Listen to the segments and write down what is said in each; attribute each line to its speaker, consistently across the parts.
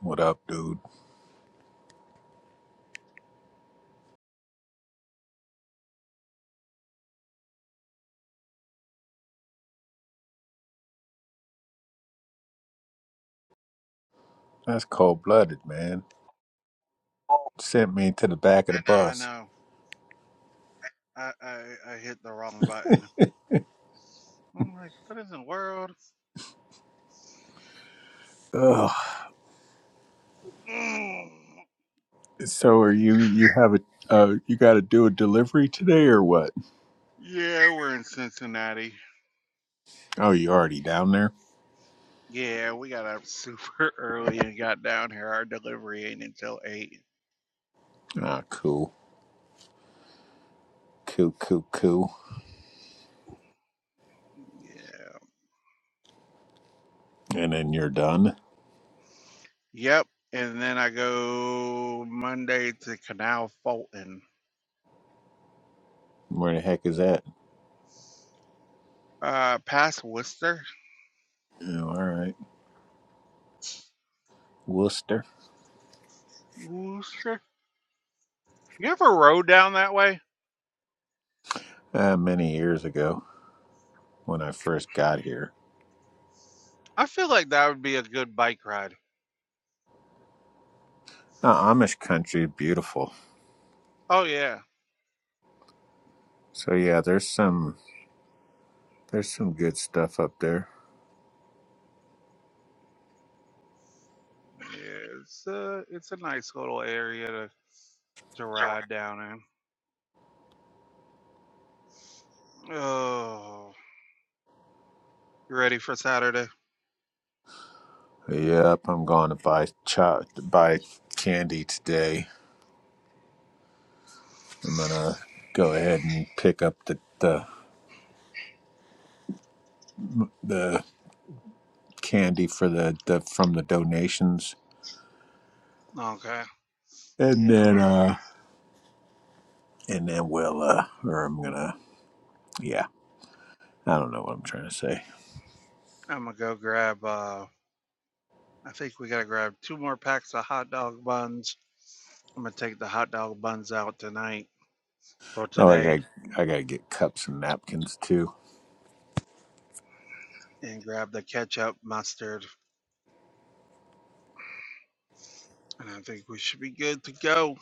Speaker 1: What up, dude? That's cold blooded, man.
Speaker 2: Oh,
Speaker 1: Sent me to the back of the
Speaker 2: I
Speaker 1: bus.
Speaker 2: know. I, I I hit the wrong button. I'm like, what in the world?
Speaker 1: Ugh.
Speaker 2: Mm.
Speaker 1: So are you? You have a? Uh, you got to do a delivery today or what?
Speaker 2: Yeah, we're in Cincinnati.
Speaker 1: Oh, you already down there?
Speaker 2: Yeah, we got up super early and got down here. Our delivery ain't until eight.
Speaker 1: Ah, cool, cool, cool, cool.
Speaker 2: Yeah.
Speaker 1: And then you're done.
Speaker 2: Yep. And then I go Monday to Canal Fulton.
Speaker 1: Where the heck is that?
Speaker 2: Uh past Worcester.
Speaker 1: Oh, all right, Worcester.
Speaker 2: Worcester. You ever rode down that way?
Speaker 1: Uh, many years ago when I first got here.
Speaker 2: I feel like that would be a good bike ride.
Speaker 1: Uh, Amish country, beautiful.
Speaker 2: Oh yeah.
Speaker 1: So yeah, there's some there's some good stuff up there.
Speaker 2: Yeah, it's a it's a nice little area to. to ride down in. Oh, you ready for Saturday?
Speaker 1: Yep, I'm going to buy cho- buy candy today. I'm gonna go ahead and pick up the the, the candy for the, the from the donations,
Speaker 2: Okay.
Speaker 1: and
Speaker 2: Yeah, I'm
Speaker 1: then
Speaker 2: a,
Speaker 1: uh and then we'll uh or I'm gonna yeah I don't know what I'm trying to say.
Speaker 2: I'm gonna go grab. Uh, I think we gotta grab two more packs of hot dog buns. I'm gonna take the hot dog buns out tonight or
Speaker 1: Oh, I
Speaker 2: today
Speaker 1: got I gotta get cups and napkins too.
Speaker 2: and grab the ketchup, mustard, and I think we should be good to go.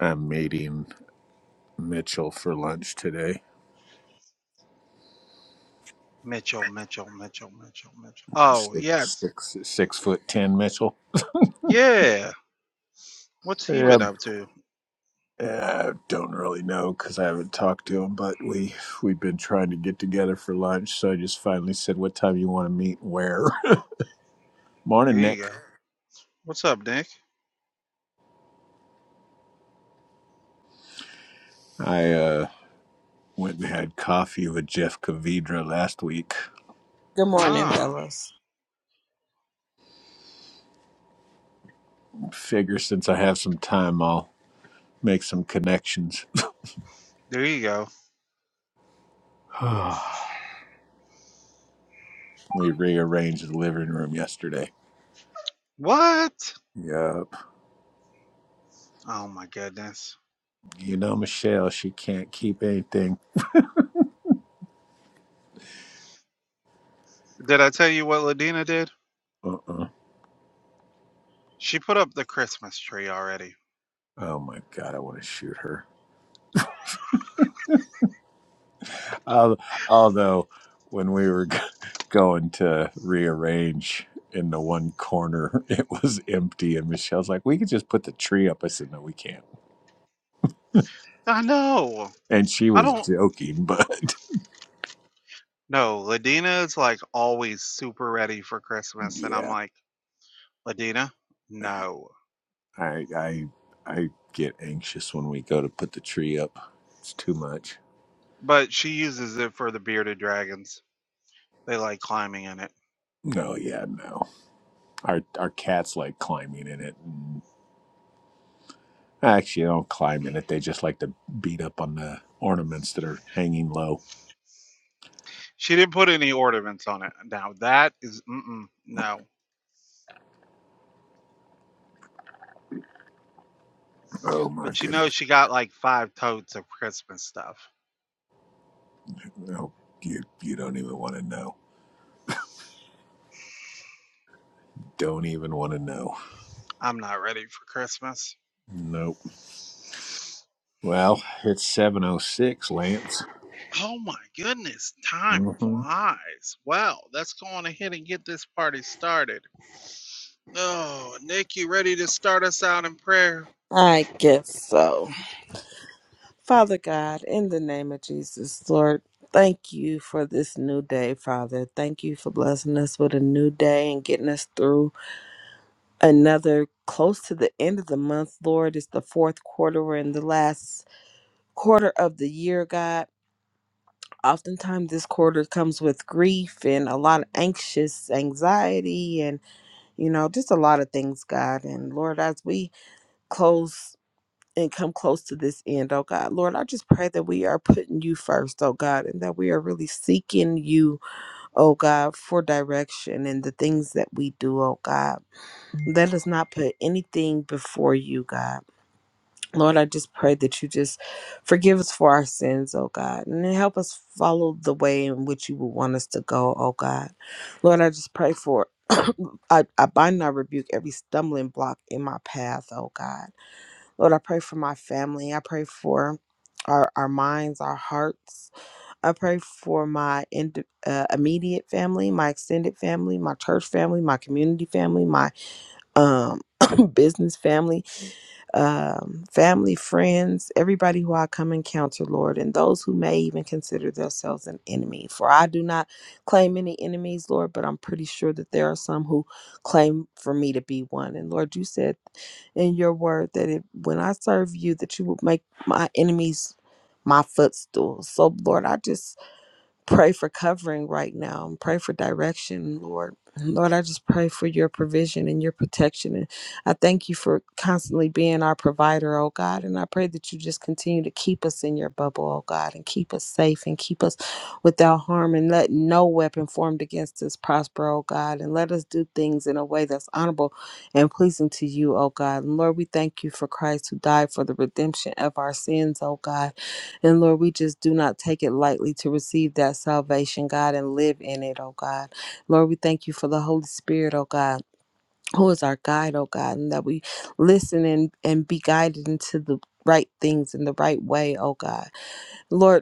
Speaker 1: I'm meeting Mitchell for lunch today.
Speaker 2: Mitchell, Mitchell, Mitchell, Mitchell, Mitchell. Oh
Speaker 1: Six
Speaker 2: yes,
Speaker 1: six six foot ten Mitchell.
Speaker 2: yeah. What's he
Speaker 1: Yeah.
Speaker 2: been up to?
Speaker 1: Uh, don't really know because I haven't talked to him, but we we've been trying to get together for lunch, so I just finally said what time you want to meet, and where.
Speaker 2: There
Speaker 1: Morning,
Speaker 2: you
Speaker 1: Nick.
Speaker 2: go. What's up, Nick?
Speaker 1: I uh, went and had coffee with Jeff Cavidra last week.
Speaker 3: Good morning,
Speaker 2: Ah,
Speaker 3: fellas.
Speaker 1: Figure since I have some time, I'll make some connections.
Speaker 2: there you go.
Speaker 1: we rearranged the living room yesterday.
Speaker 2: What?
Speaker 1: Yup.
Speaker 2: Oh my goodness.
Speaker 1: You know Michelle, she can't keep anything.
Speaker 2: Did I tell you what Ladina did?
Speaker 1: Uh uh
Speaker 2: She put up the Christmas tree already.
Speaker 1: Oh my god, I want to shoot her. Al- although when we were going to rearrange in the one corner it was empty and michelle's like we could just put the tree up i said no we can't
Speaker 2: I know.
Speaker 1: and she
Speaker 2: I
Speaker 1: was
Speaker 2: don't
Speaker 1: joking but
Speaker 2: know. Ladina is like always super ready for Christmas, and I'm
Speaker 1: yeah
Speaker 2: like, Ladina, no.
Speaker 1: i i i get anxious when we go to put the tree up it's too much
Speaker 2: But she uses it for the bearded dragons. They like climbing in it.
Speaker 1: no yeah no our our cats like climbing in it and actually they don't climb in it they just like to beat up on the ornaments that are hanging low
Speaker 2: She didn't put any ornaments on it. Now that is mm-mm, no.
Speaker 1: oh my
Speaker 2: But you know
Speaker 1: goodness
Speaker 2: she got like five totes of Christmas stuff.
Speaker 1: no you you don't even want to know don't even want to know
Speaker 2: I'm not ready for Christmas.
Speaker 1: Nope. Well, it's 706, Lance.
Speaker 2: Oh my goodness, time
Speaker 1: hmm
Speaker 2: flies. Well, let's go on ahead and get this party started. Oh, Nick, you ready to start us out in prayer?
Speaker 3: I guess so. Father God, in the name of Jesus, Lord, thank you for this new day, Father. Thank you for blessing us with a new day and getting us through another close to the end of the month, Lord. It's the fourth quarter. We're in the last quarter of the year, God. Oftentimes, this quarter comes with grief and a lot of anxious anxiety, and you know, just a lot of things, God. And Lord, as we close and come close to this end, oh God. Lord, I just pray that we are putting you first, oh God, and that we are really seeking you, oh God, for direction and the things that we do, oh God. Let us not put anything before you, God. Lord, I just pray that you just forgive us for our sins, oh God, and then help us follow the way in which you would want us to go, oh God. Lord, I just pray for I, I bind and I rebuke every stumbling block in my path, oh God. Lord, I pray for my family. I pray for our, our minds, our hearts. I pray for my ind- uh, immediate family, my extended family, my church family, my community family, my um, business, family, um, family, friends, everybody who I come encounter, Lord, and those who may even consider themselves an enemy. For I do not claim any enemies, Lord, but I'm pretty sure that there are some who claim for me to be one. And Lord, you said in your word that it, when I serve you, that you would make my enemies my footstool. So, Lord, I just pray for covering right now and pray for direction, Lord. Lord, I just pray for your provision and your protection. And I thank you for constantly being our provider, oh God. And I pray that you just continue to keep us in your bubble, oh God, and keep us safe and keep us without harm and let no weapon formed against us prosper, oh God. And let us do things in a way that's honorable and pleasing to you, oh God. And Lord, we thank you for Christ who died for the redemption of our sins, oh God. And Lord, we just do not take it lightly to receive that salvation, God, and live in it, oh God. Lord, we thank you for the Holy Spirit, oh God, who is our guide, oh God, and that we listen and, and be guided into the right things in the right way, oh God. Lord,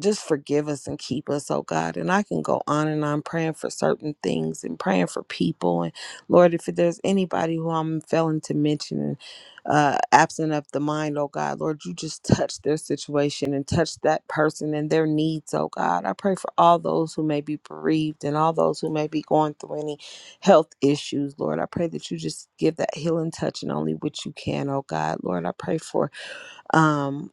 Speaker 3: just forgive us and keep us, oh God. And I can go on and on praying for certain things and praying for people. And Lord, if there's anybody who I'm failing to mention and uh, absent of the mind, oh God, Lord, you just touch their situation and touch that person and their needs, oh God. I pray for all those who may be bereaved and all those who may be going through any health issues, Lord. I pray that you just give that healing touch and only what you can, oh God. Lord, I pray for. Um,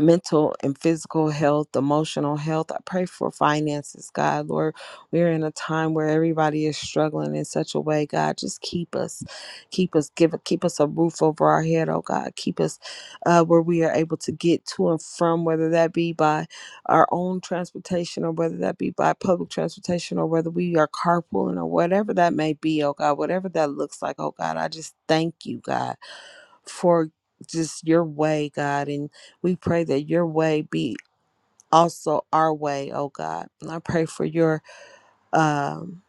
Speaker 3: mental and physical health, emotional health. I pray for finances, God. Lord, we're in a time where everybody is struggling in such a way, God. Just keep us, keep us, give keep us a roof over our head, oh God. Keep us uh, where we are able to get to and from, whether that be by our own transportation or whether that be by public transportation or whether we are carpooling or whatever that may be, oh God, whatever that looks like, oh God. I just thank you, God for just your way, God. And we pray that your way be also our way, oh God. And I pray for your um,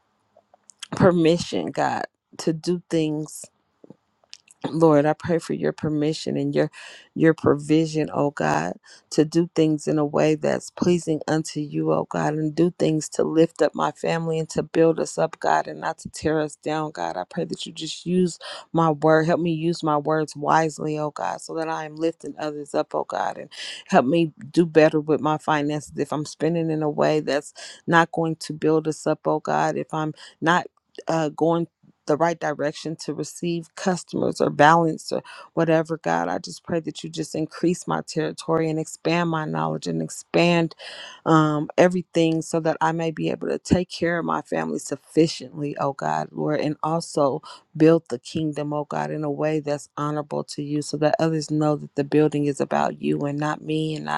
Speaker 3: permission, God, to do things Lord, I pray for your permission and your your provision, oh God, to do things in a way that's pleasing unto you, oh God, and do things to lift up my family and to build us up, God, and not to tear us down, God. I pray that you just use my word. Help me use my words wisely, oh God, so that I am lifting others up, oh God, and help me do better with my finances if I'm spending in a way that's not going to build us up, oh God, if I'm not uh, going the right direction to receive customers or balance or whatever, God. I just pray that you just increase my territory and expand my knowledge and expand um, everything so that I may be able to take care of my family sufficiently, oh God, Lord, and also build the kingdom, oh God, in a way that's honorable to you so that others know that the building is about you and not me and not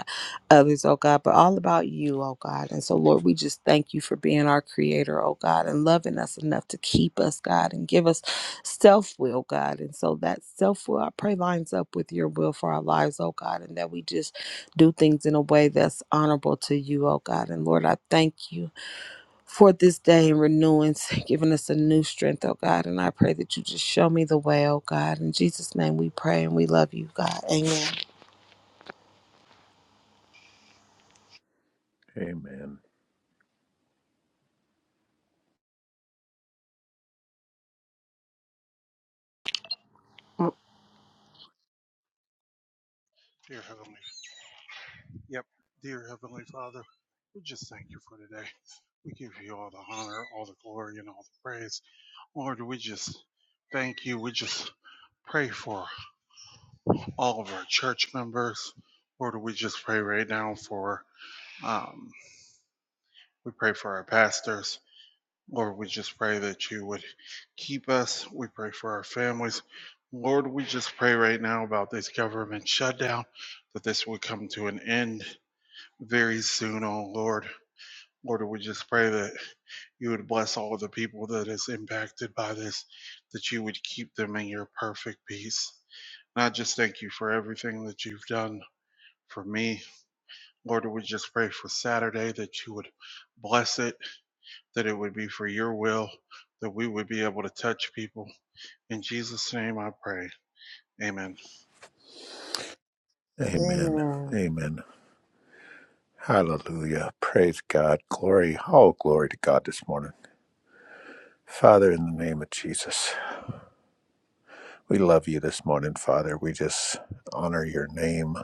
Speaker 3: others, oh God, but all about you, oh God. And so, Lord, we just thank you for being our creator, oh God, and loving us enough to keep us, God, and give us self will, God. And so that self will, I pray, lines up with your will for our lives, oh God, and that we just do things in a way that's honorable to you, oh God. And Lord, I thank you for this day and renewance, giving us a new strength, oh God. And I pray that you just show me the way, oh God. In Jesus' name we pray and we love you, God. Amen.
Speaker 1: Amen.
Speaker 2: Dear Heavenly, yep, dear Heavenly Father, we just thank you for today. We give you all the honor, all the glory, and all the praise. Lord, we just thank you. We just pray for all of our church members. Lord, we just pray right now for, um, we pray for our pastors. Lord, we just pray that you would keep us. We pray for our families. Lord, we just pray right now about this government shutdown, that this would come to an end very soon, oh Lord. Lord, we just pray that you would bless all of the people that is impacted by this, that you would keep them in your perfect peace. And I just thank you for everything that you've done for me. Lord, we just pray for Saturday that you would bless it that it would be for your will that we would be able to touch people. In Jesus' name I pray. Amen.
Speaker 1: Amen.
Speaker 3: Amen.
Speaker 1: Amen. Hallelujah. Praise God. Glory. All glory to God this morning. Father, in the name of Jesus, we love you this morning, Father. We just honor your name.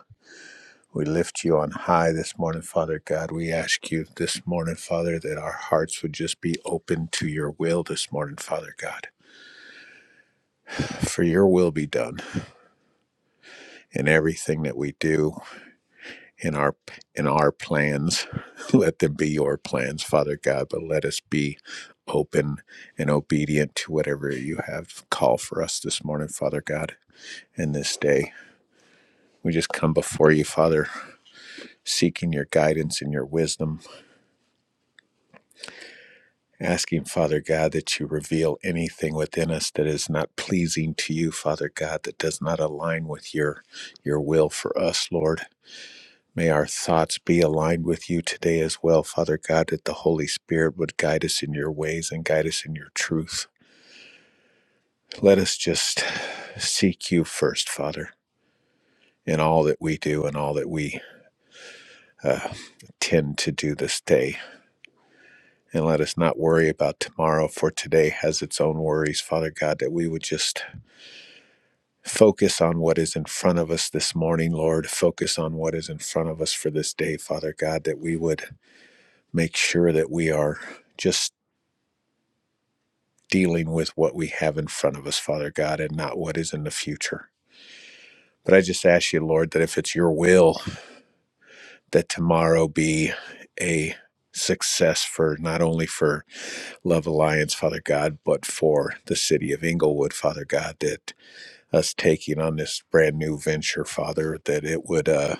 Speaker 1: We lift you on high this morning, Father God. We ask you this morning, Father, that our hearts would just be open to your will this morning, Father God. For your will be done in everything that we do, in our in our plans. let them be your plans, Father God, but let us be open and obedient to whatever you have called for us this morning, Father God, and this day. We just come before you, Father, seeking your guidance and your wisdom, asking, Father God, that you reveal anything within us that is not pleasing to you, Father God, that does not align with your your will for us, Lord. May our thoughts be aligned with you today as well, Father God, that the Holy Spirit would guide us in your ways and guide us in your truth. Let us just seek you first, Father, in all that we do and all that we uh, tend to do this day. And let us not worry about tomorrow, for today has its own worries, Father God, that we would just focus on what is in front of us this morning, Lord. Focus on what is in front of us for this day, Father God, that we would make sure that we are. Just dealing with what we have in front of us, Father God, and not what is in the future. But I just ask you, Lord, that if it's your will, that tomorrow be a success for not only for Love Alliance, Father God, but for the city of Inglewood, Father God, that us taking on this brand new venture, Father, that it would uh,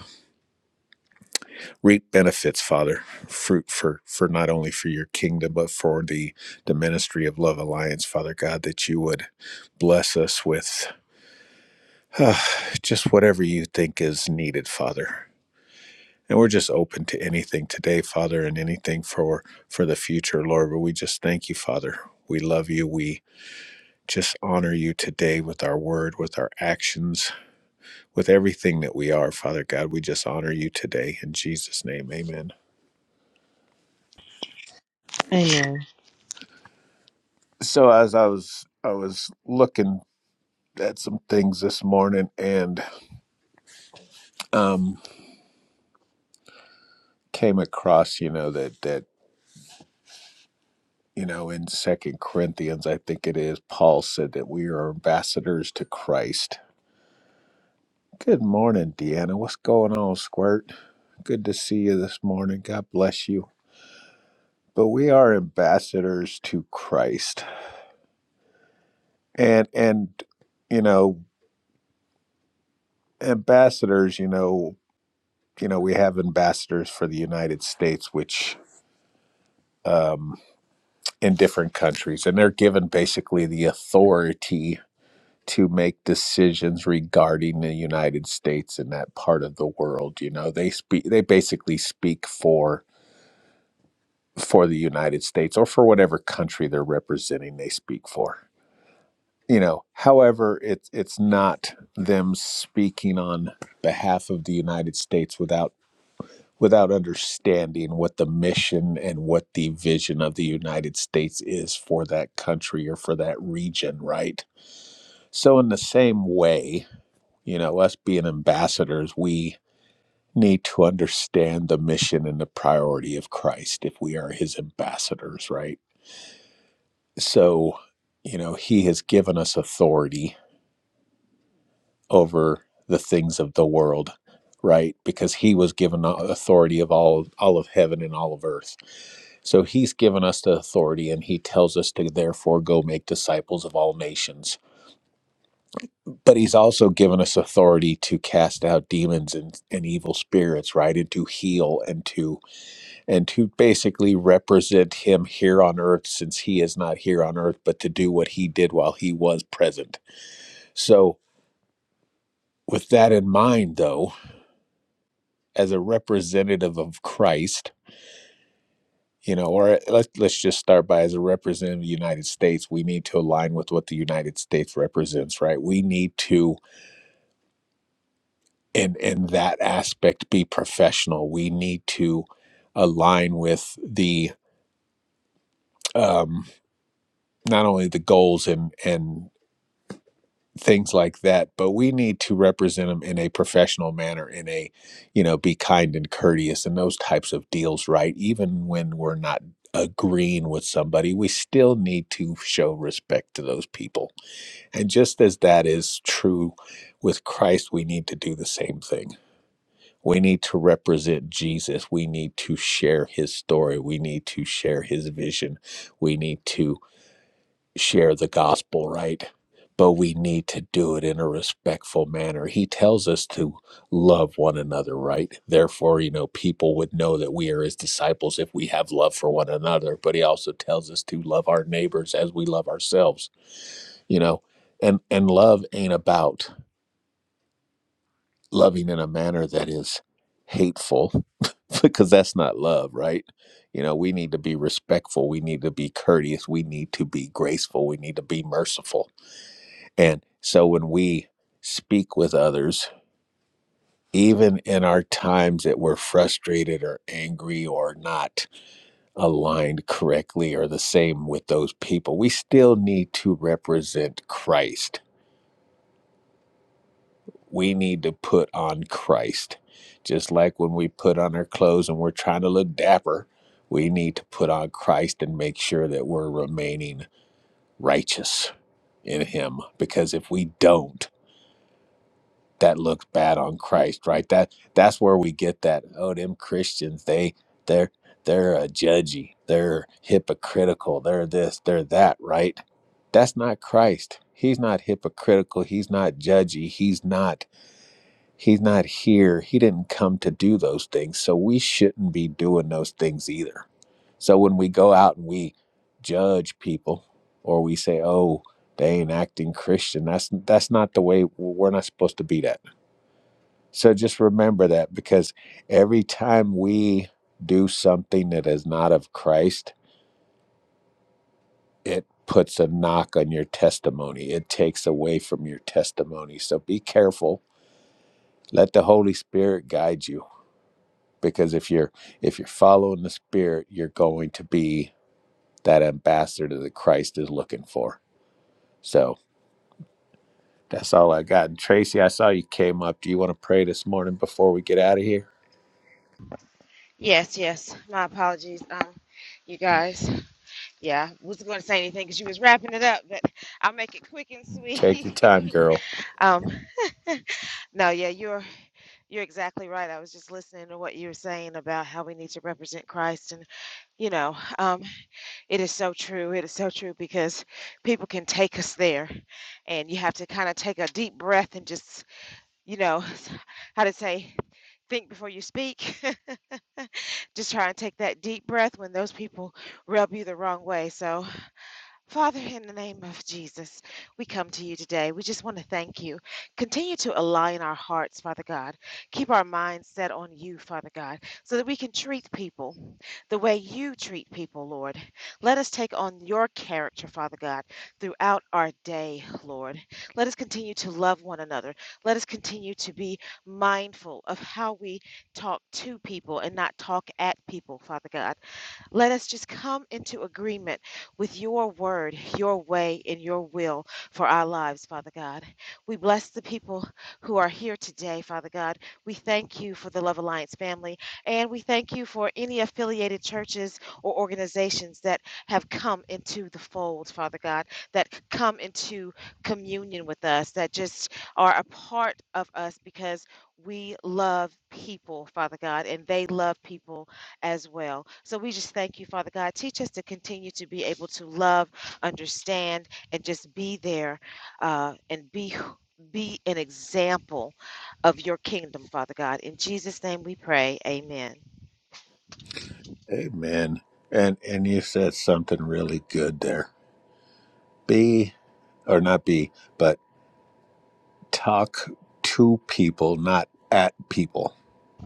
Speaker 1: reap benefits, Father, fruit for, for not only for your kingdom, but for the, the ministry of Love Alliance, Father God, that you would bless us with. Uh, just whatever you think is needed, Father. And we're just open to anything today, Father, and anything for for the future, Lord. But we just thank you, Father. We love you. We just honor you today with our word, with our actions, with everything that we are, Father God. We just honor you today in Jesus' name. Amen.
Speaker 3: Amen.
Speaker 1: So as I was I was looking at some things this morning and um came across, you know, that that you know in second corinthians i think it is paul said that we are ambassadors to christ good morning deanna what's going on squirt good to see you this morning god bless you but we are ambassadors to christ and and you know ambassadors you know you know we have ambassadors for the united states which um in different countries and they're given basically the authority to make decisions regarding the United States and that part of the world. You know, they speak they basically speak for for the United States or for whatever country they're representing they speak for. You know, however, it's it's not them speaking on behalf of the United States without without understanding what the mission and what the vision of the United States is for that country or for that region, right? So in the same way, You know, us being ambassadors, we need to understand the mission and the priority of Christ if we are his ambassadors, right? So, you know, he has given us authority over the things of the world, right? Because he was given the authority of all all of heaven and all of earth. So he's given us the authority and he tells us to therefore go make disciples of all nations but he's also given us authority to cast out demons and, and evil spirits right and to heal and to and to basically represent him here on earth since he is not here on earth but to do what he did while he was present so with that in mind though as a representative of christ you know or uh, let's, let's just start by as a representative of the united states we need to align with what the united states represents right we need to In in that aspect be professional we need to align with the um, not only the goals and and things like that but we need to represent them in a professional manner in a you know be kind and courteous and those types of deals right even when we're not agreeing with somebody we still need to show respect to those people and just as that is true with christ we need to do the same thing We need to represent Jesus. We need to share his story. We need to share his vision. We need to share the gospel, right? But we need to do it in a respectful manner. He tells us to love one another, right? Therefore, you know, people would know that we are his disciples if we have love for one another. But he also tells us to love our neighbors as we love ourselves, you know. And and love ain't about loving in a manner that is hateful because that's not love, right? You know, we need to be respectful. We need to be courteous. We need to be graceful. We need to be merciful. And so when we speak with others, even in our times that we're frustrated or angry or not aligned correctly or the same with those people, we still need to represent Christ we need to put on Christ. Just like when we put on our clothes and we're trying to look dapper, we need to put on Christ and make sure that we're remaining righteous in him because if we don't that looks bad on Christ, right? That that's where we get that oh them Christians they they're they're uh, judgy, they're hypocritical, they're this, they're that, right? That's not Christ. He's not hypocritical, he's not judgy, he's not He's not here. He didn't come to do those things. So we shouldn't be doing those things either. So when we go out and we judge people or we say, "Oh, they ain't acting Christian." That's that's not the way we're not supposed to be that. So just remember that because every time we do something that is not of Christ, it puts a knock on your testimony. It takes away from your testimony. So be careful. Let the Holy Spirit guide you because if you're if you're following the spirit you're going to be that ambassador that christ is looking for so that's all i got and tracy i saw you came up do you want to pray this morning before we get out of here
Speaker 4: Yes, yes. My apologies, um, you guys. Yeah, I wasn't going to say anything because you was wrapping it up, but I'll make it quick and
Speaker 1: take your
Speaker 4: sweet.
Speaker 1: time girl
Speaker 4: um, no, yeah, you're you're exactly right. I was just listening to what you were saying about how we need to represent Christ, and you know, um, it is so true. It is so true because people can take us there, and you have to kind of take a deep breath and just, you know, how to say, think before you speak. Just try and take that deep breath when those people rub you the wrong way. So, Father, in the name of Jesus, we come to you today. We just want to thank you. Continue to align our hearts, Father God. Keep our minds set on you, Father God, so that we can treat people the way you treat people, Lord. Let us take on your character, Father God, throughout our day, Lord. Let us continue to love one another. Let us continue to be mindful of how we talk to people and not talk at people, Father God. Let us just come into agreement with your word, your way, and your will for our lives, Father God. We bless the people who are here today, Father God. We thank you for the Love Alliance family, and we thank you for any affiliated churches or organizations that have come into the fold, Father God, that come into communion with us, that just are a part of us because we love people, Father God, and they love people as well. So we just thank you, Father God. Teach us to continue to be able to love, understand, and just be there uh, and be be an example of your kingdom, Father God. In Jesus' name we pray. Amen.
Speaker 1: amen and and you said something really good there be or not be but talk to people not at people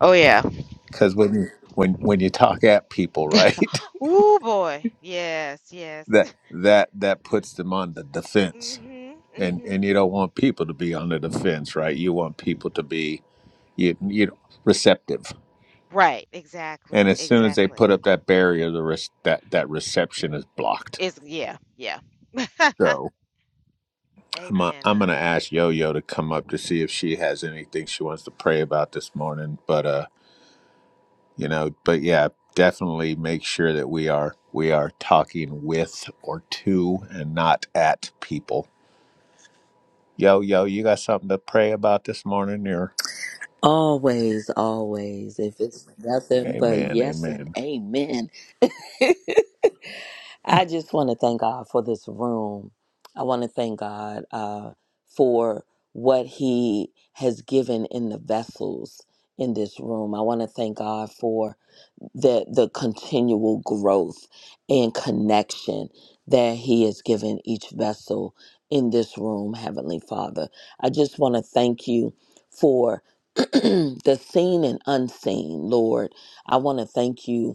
Speaker 4: Oh yeah.
Speaker 1: because when you when when you talk at people right
Speaker 4: Ooh boy. Yes, yes.
Speaker 1: that that that puts them on the defense
Speaker 4: Mhm.
Speaker 1: and
Speaker 4: Mhm.
Speaker 1: and you don't want people to be on the defense, right? You want people to be you, you know, receptive.
Speaker 4: Right,
Speaker 1: And
Speaker 4: exactly.
Speaker 1: as soon as they
Speaker 4: Exactly.
Speaker 1: put up that barrier, the res- that that reception is blocked.
Speaker 4: It's yeah, yeah.
Speaker 1: So I'm i
Speaker 4: amen.
Speaker 1: I'm gonna
Speaker 4: Amen.
Speaker 1: ask Yo Yo to come up to see if she has anything she wants to pray about this morning. But uh, you know, but yeah, definitely make sure that we are we are talking with or to and not at people. Yo Yo, you got something to pray about this morning, or
Speaker 5: Always, always. If it's nothing but
Speaker 1: Amen,
Speaker 5: yes
Speaker 1: Amen.
Speaker 5: and amen. I just want to thank God for this room. I want to thank God uh, for what He has given in the vessels in this room. I want to thank God for the the continual growth and connection that he has given each vessel in this room heavenly father i just want to thank you for the seen and unseen lord i want to thank you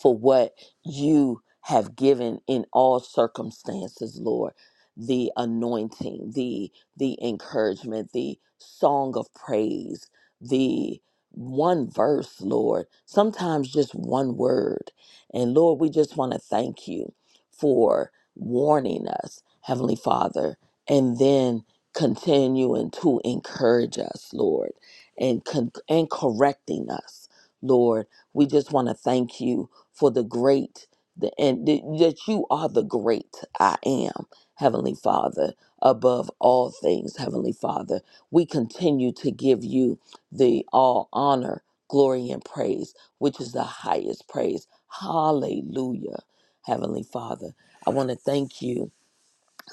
Speaker 5: for what you have given in all circumstances, Lord. The anointing, the the encouragement, the song of praise, the one verse, Lord. Sometimes just one word. And Lord, we just want to thank you for warning us, Heavenly Father, and then continuing to encourage us, Lord, and con- and correcting us, Lord. We just want to thank you for the great the, and th- that you are the great I am, Heavenly Father, above all things, Heavenly Father. We continue to give you the all honor, glory, and praise, which is the highest praise. Hallelujah, Heavenly Father. I want to thank you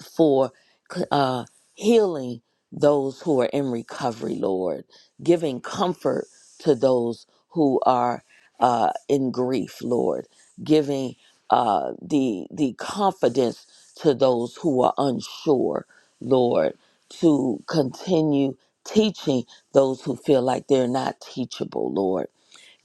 Speaker 5: for uh, healing those who are in recovery, Lord, giving comfort to those who are uh, in grief, Lord, giving uh, the the confidence to those who are unsure, Lord, to continue teaching those who feel like they're not teachable, Lord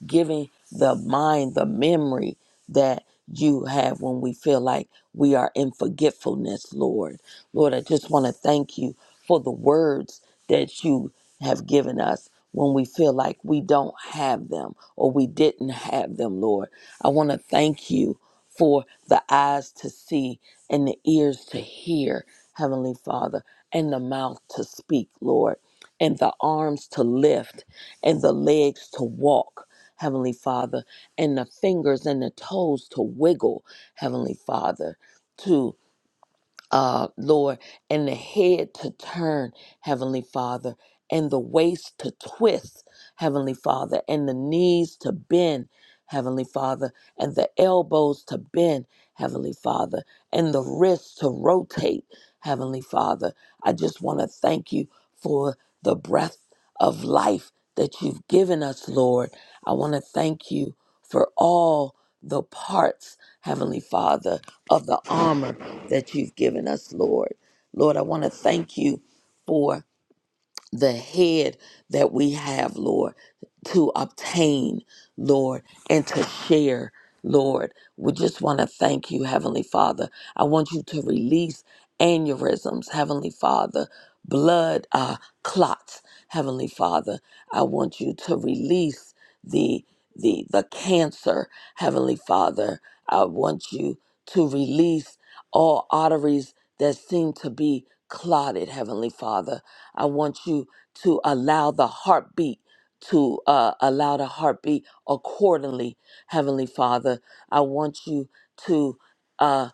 Speaker 5: giving the mind the memory that you have when we feel like we are in forgetfulness, Lord. Lord, I just want to thank you for the words that you have given us when we feel like we don't have them or we didn't have them, Lord. I want to thank you for the eyes to see and the ears to hear, Heavenly Father, and the mouth to speak, Lord, and the arms to lift and the legs to walk. Heavenly Father, and the fingers and the toes to wiggle, Heavenly Father, to uh, Lord, and the head to turn, Heavenly Father, and the waist to twist, Heavenly Father, and the knees to bend, Heavenly Father, and the elbows to bend, Heavenly Father, and the wrists to rotate, Heavenly Father. I just want to thank you for the breath of life that you've given us, Lord. I want to thank you for all the parts, Heavenly Father, of the armor that you've given us, Lord. Lord, I want to thank you for the head that we have, Lord, to obtain, Lord, and to share, Lord. We just want to thank you, Heavenly Father. I want you to release aneurysms, Heavenly Father, blood uh, clots, Heavenly Father. I want you to release the the the cancer, Heavenly Father. I want you to release all arteries that seem to be clotted, Heavenly Father. I want you to allow the heartbeat to uh, allow the heartbeat accordingly, Heavenly Father. I want you to uh,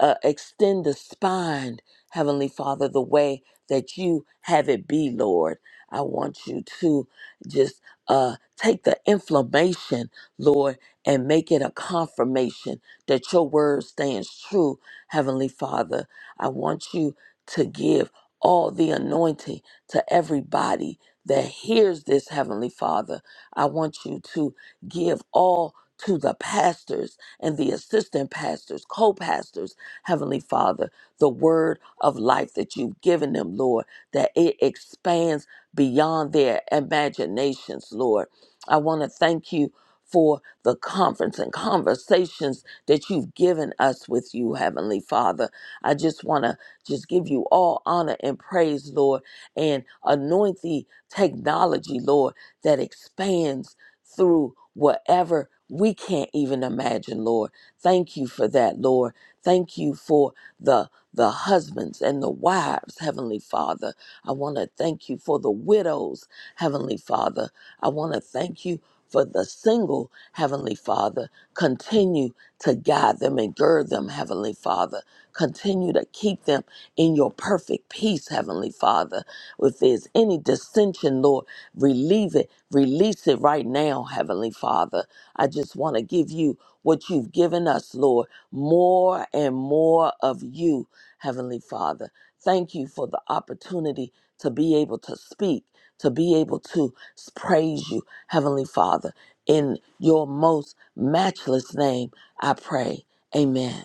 Speaker 5: uh, extend the spine, Heavenly Father, the way that you have it be, Lord. I want you to just uh, take the inflammation, Lord, and make it a confirmation that your word stands true, Heavenly Father. I want you to give all the anointing to everybody that hears this, Heavenly Father. I want you to give all to the pastors and the assistant pastors, co pastors, Heavenly Father, the word of life that you've given them, Lord, that it expands beyond their imaginations, Lord. I want to thank you for the conference and conversations that you've given us with you, Heavenly Father. I just want to just give you all honor and praise, Lord, and anoint the technology, Lord, that expands through whatever we can't even imagine, Lord. Thank you for that, Lord. Thank you for the the husbands and the wives, Heavenly Father. I want to thank you for the widows, Heavenly Father. I want to thank you for the single, Heavenly Father. Continue to guide them and gird them, Heavenly Father. Continue to keep them in your perfect peace, Heavenly Father. If there's any dissension, Lord, relieve it, release it right now, Heavenly Father. I just want to give you what you've given us, Lord, more and more of you, Heavenly Father. Thank you for the opportunity to be able to speak, to be able to s- praise you, Heavenly Father. In your most matchless name, I pray. Amen.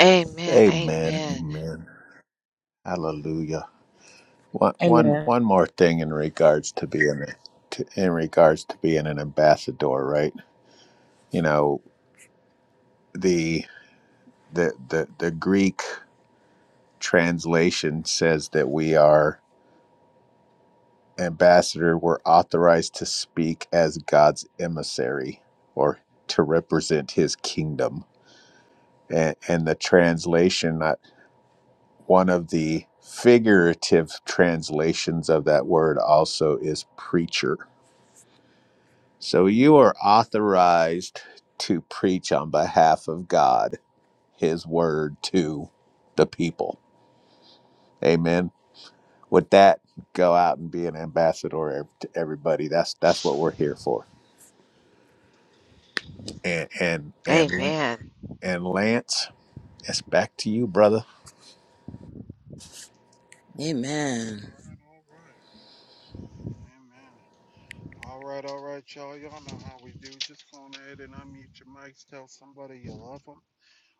Speaker 4: Amen.
Speaker 1: Amen.
Speaker 4: Amen.
Speaker 1: Amen. Hallelujah. One, one,
Speaker 3: Amen.
Speaker 1: one more thing in regards to being to, in regards to being an ambassador, right? You know, the the the the Greek translation says that we are ambassador. We're authorized to speak as God's emissary or to represent His kingdom. And, and the translation, uh, one of the figurative translations of that word also is preacher So you are authorized to preach on behalf of God, His word to the people. Amen. With that, go out and be an ambassador to everybody. That's that's what we're here for. And and and Lan-
Speaker 4: Amen.
Speaker 1: and Lance, it's back to you, brother.
Speaker 2: All
Speaker 5: Amen.
Speaker 2: right, all right. Amen. All right, all right, y'all. Y'all know how we do. Just go on ahead and unmute your mics. Tell somebody you love them.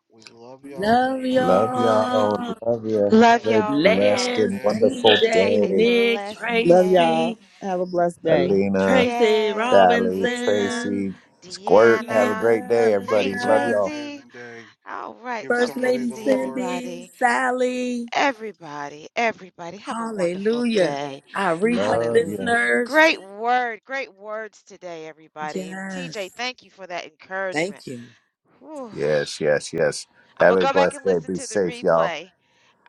Speaker 2: We love y'all. We
Speaker 5: Love
Speaker 2: love
Speaker 1: Love
Speaker 2: y'all.
Speaker 1: y'all.
Speaker 5: y'all.
Speaker 1: Love you.
Speaker 2: Have
Speaker 4: Love
Speaker 1: Have
Speaker 2: an
Speaker 1: a
Speaker 4: y'all. Love y'all.
Speaker 1: blessed
Speaker 2: amazing
Speaker 5: Lance,
Speaker 1: and
Speaker 2: day.
Speaker 1: wonderful
Speaker 4: Have
Speaker 5: TJ,
Speaker 4: a
Speaker 1: day,
Speaker 5: Nick,
Speaker 4: blessed
Speaker 3: Love
Speaker 4: day.
Speaker 3: y'all.
Speaker 5: Tracy,
Speaker 3: Have a blessed day.
Speaker 1: Alina,
Speaker 5: Tracy
Speaker 4: Yes,
Speaker 1: Sally,
Speaker 4: Lena,
Speaker 5: Robinson,
Speaker 1: Tracy, Squirt. Have a
Speaker 4: Deanna.
Speaker 1: great day,
Speaker 5: Deanna,
Speaker 4: Hey,
Speaker 1: everybody.
Speaker 2: Have
Speaker 1: Love
Speaker 2: an
Speaker 5: Lena,
Speaker 1: y'all.
Speaker 4: Tracy.
Speaker 2: amazing day.
Speaker 4: All right,
Speaker 2: Give
Speaker 4: so
Speaker 5: First
Speaker 4: good
Speaker 2: somebody
Speaker 4: to
Speaker 5: Lady
Speaker 2: the
Speaker 4: see
Speaker 2: Lord.
Speaker 5: Cindy,
Speaker 4: everybody.
Speaker 5: Sally.
Speaker 4: Everybody, everybody, have a wonderful
Speaker 5: Hallelujah.
Speaker 4: day.
Speaker 5: Our replay
Speaker 1: Love
Speaker 4: Hallelujah.
Speaker 1: you.
Speaker 5: listeners.
Speaker 4: Great word, great words today, everybody. And TJ,
Speaker 5: Yes.
Speaker 4: thank you for that encouragement.
Speaker 5: Thank you.
Speaker 4: Whew.
Speaker 1: Yes, yes, yes.
Speaker 4: I'm
Speaker 1: Have
Speaker 4: gonna
Speaker 1: a
Speaker 4: go back
Speaker 1: blessed
Speaker 4: and
Speaker 1: day.
Speaker 4: listen
Speaker 1: Be
Speaker 4: to the
Speaker 1: safe, y'all.
Speaker 4: replay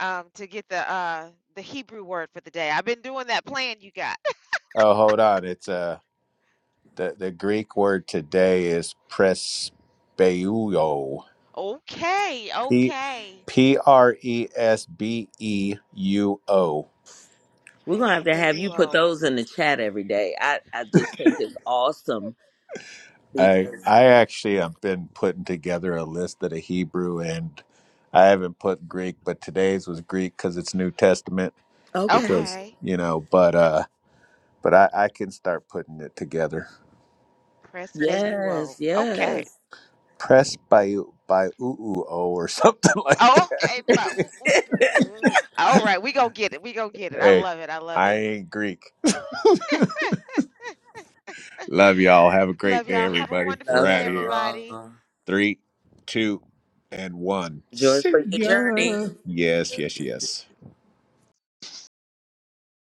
Speaker 4: um, to get the uh, the Hebrew word for the day. I've been doing that plan you got.
Speaker 1: Oh, hold on. It's uh the the Greek word today is presbeuo.
Speaker 4: Okay,
Speaker 1: P
Speaker 4: okay.
Speaker 1: P R E S B E U O.
Speaker 5: We're
Speaker 4: Press
Speaker 5: going to have to have you put
Speaker 4: Bayuo.
Speaker 5: those in the chat every day. I, I just think it's awesome
Speaker 1: I
Speaker 5: because,
Speaker 1: I actually have been putting together a list of the Hebrew and I haven't put Greek, but today's was Greek because it's New Testament.
Speaker 5: okay.
Speaker 1: Because
Speaker 4: Okay.
Speaker 1: you know, but uh, but I I can start putting it together.
Speaker 4: Press
Speaker 5: Yes,
Speaker 4: Bayuo. Okay.
Speaker 5: yes.
Speaker 1: Press by by oo or something like that.
Speaker 4: Okay, my ooh, ooh, ooh, ooh. All right, we gonna get it. We gonna get it. I
Speaker 1: Hey,
Speaker 4: love it. I love
Speaker 1: I
Speaker 4: it.
Speaker 1: ain't Greek. Love y'all. Have a great
Speaker 4: Love
Speaker 1: day,
Speaker 4: y'all. Have a
Speaker 1: everybody.
Speaker 4: wonderful
Speaker 1: We're
Speaker 5: Love
Speaker 1: out
Speaker 4: day,
Speaker 1: of here.
Speaker 4: everybody.
Speaker 5: y'all.
Speaker 1: Three, two, and one.
Speaker 5: Joy
Speaker 1: See
Speaker 5: for your journey.
Speaker 1: ya. Yes, yes, yes.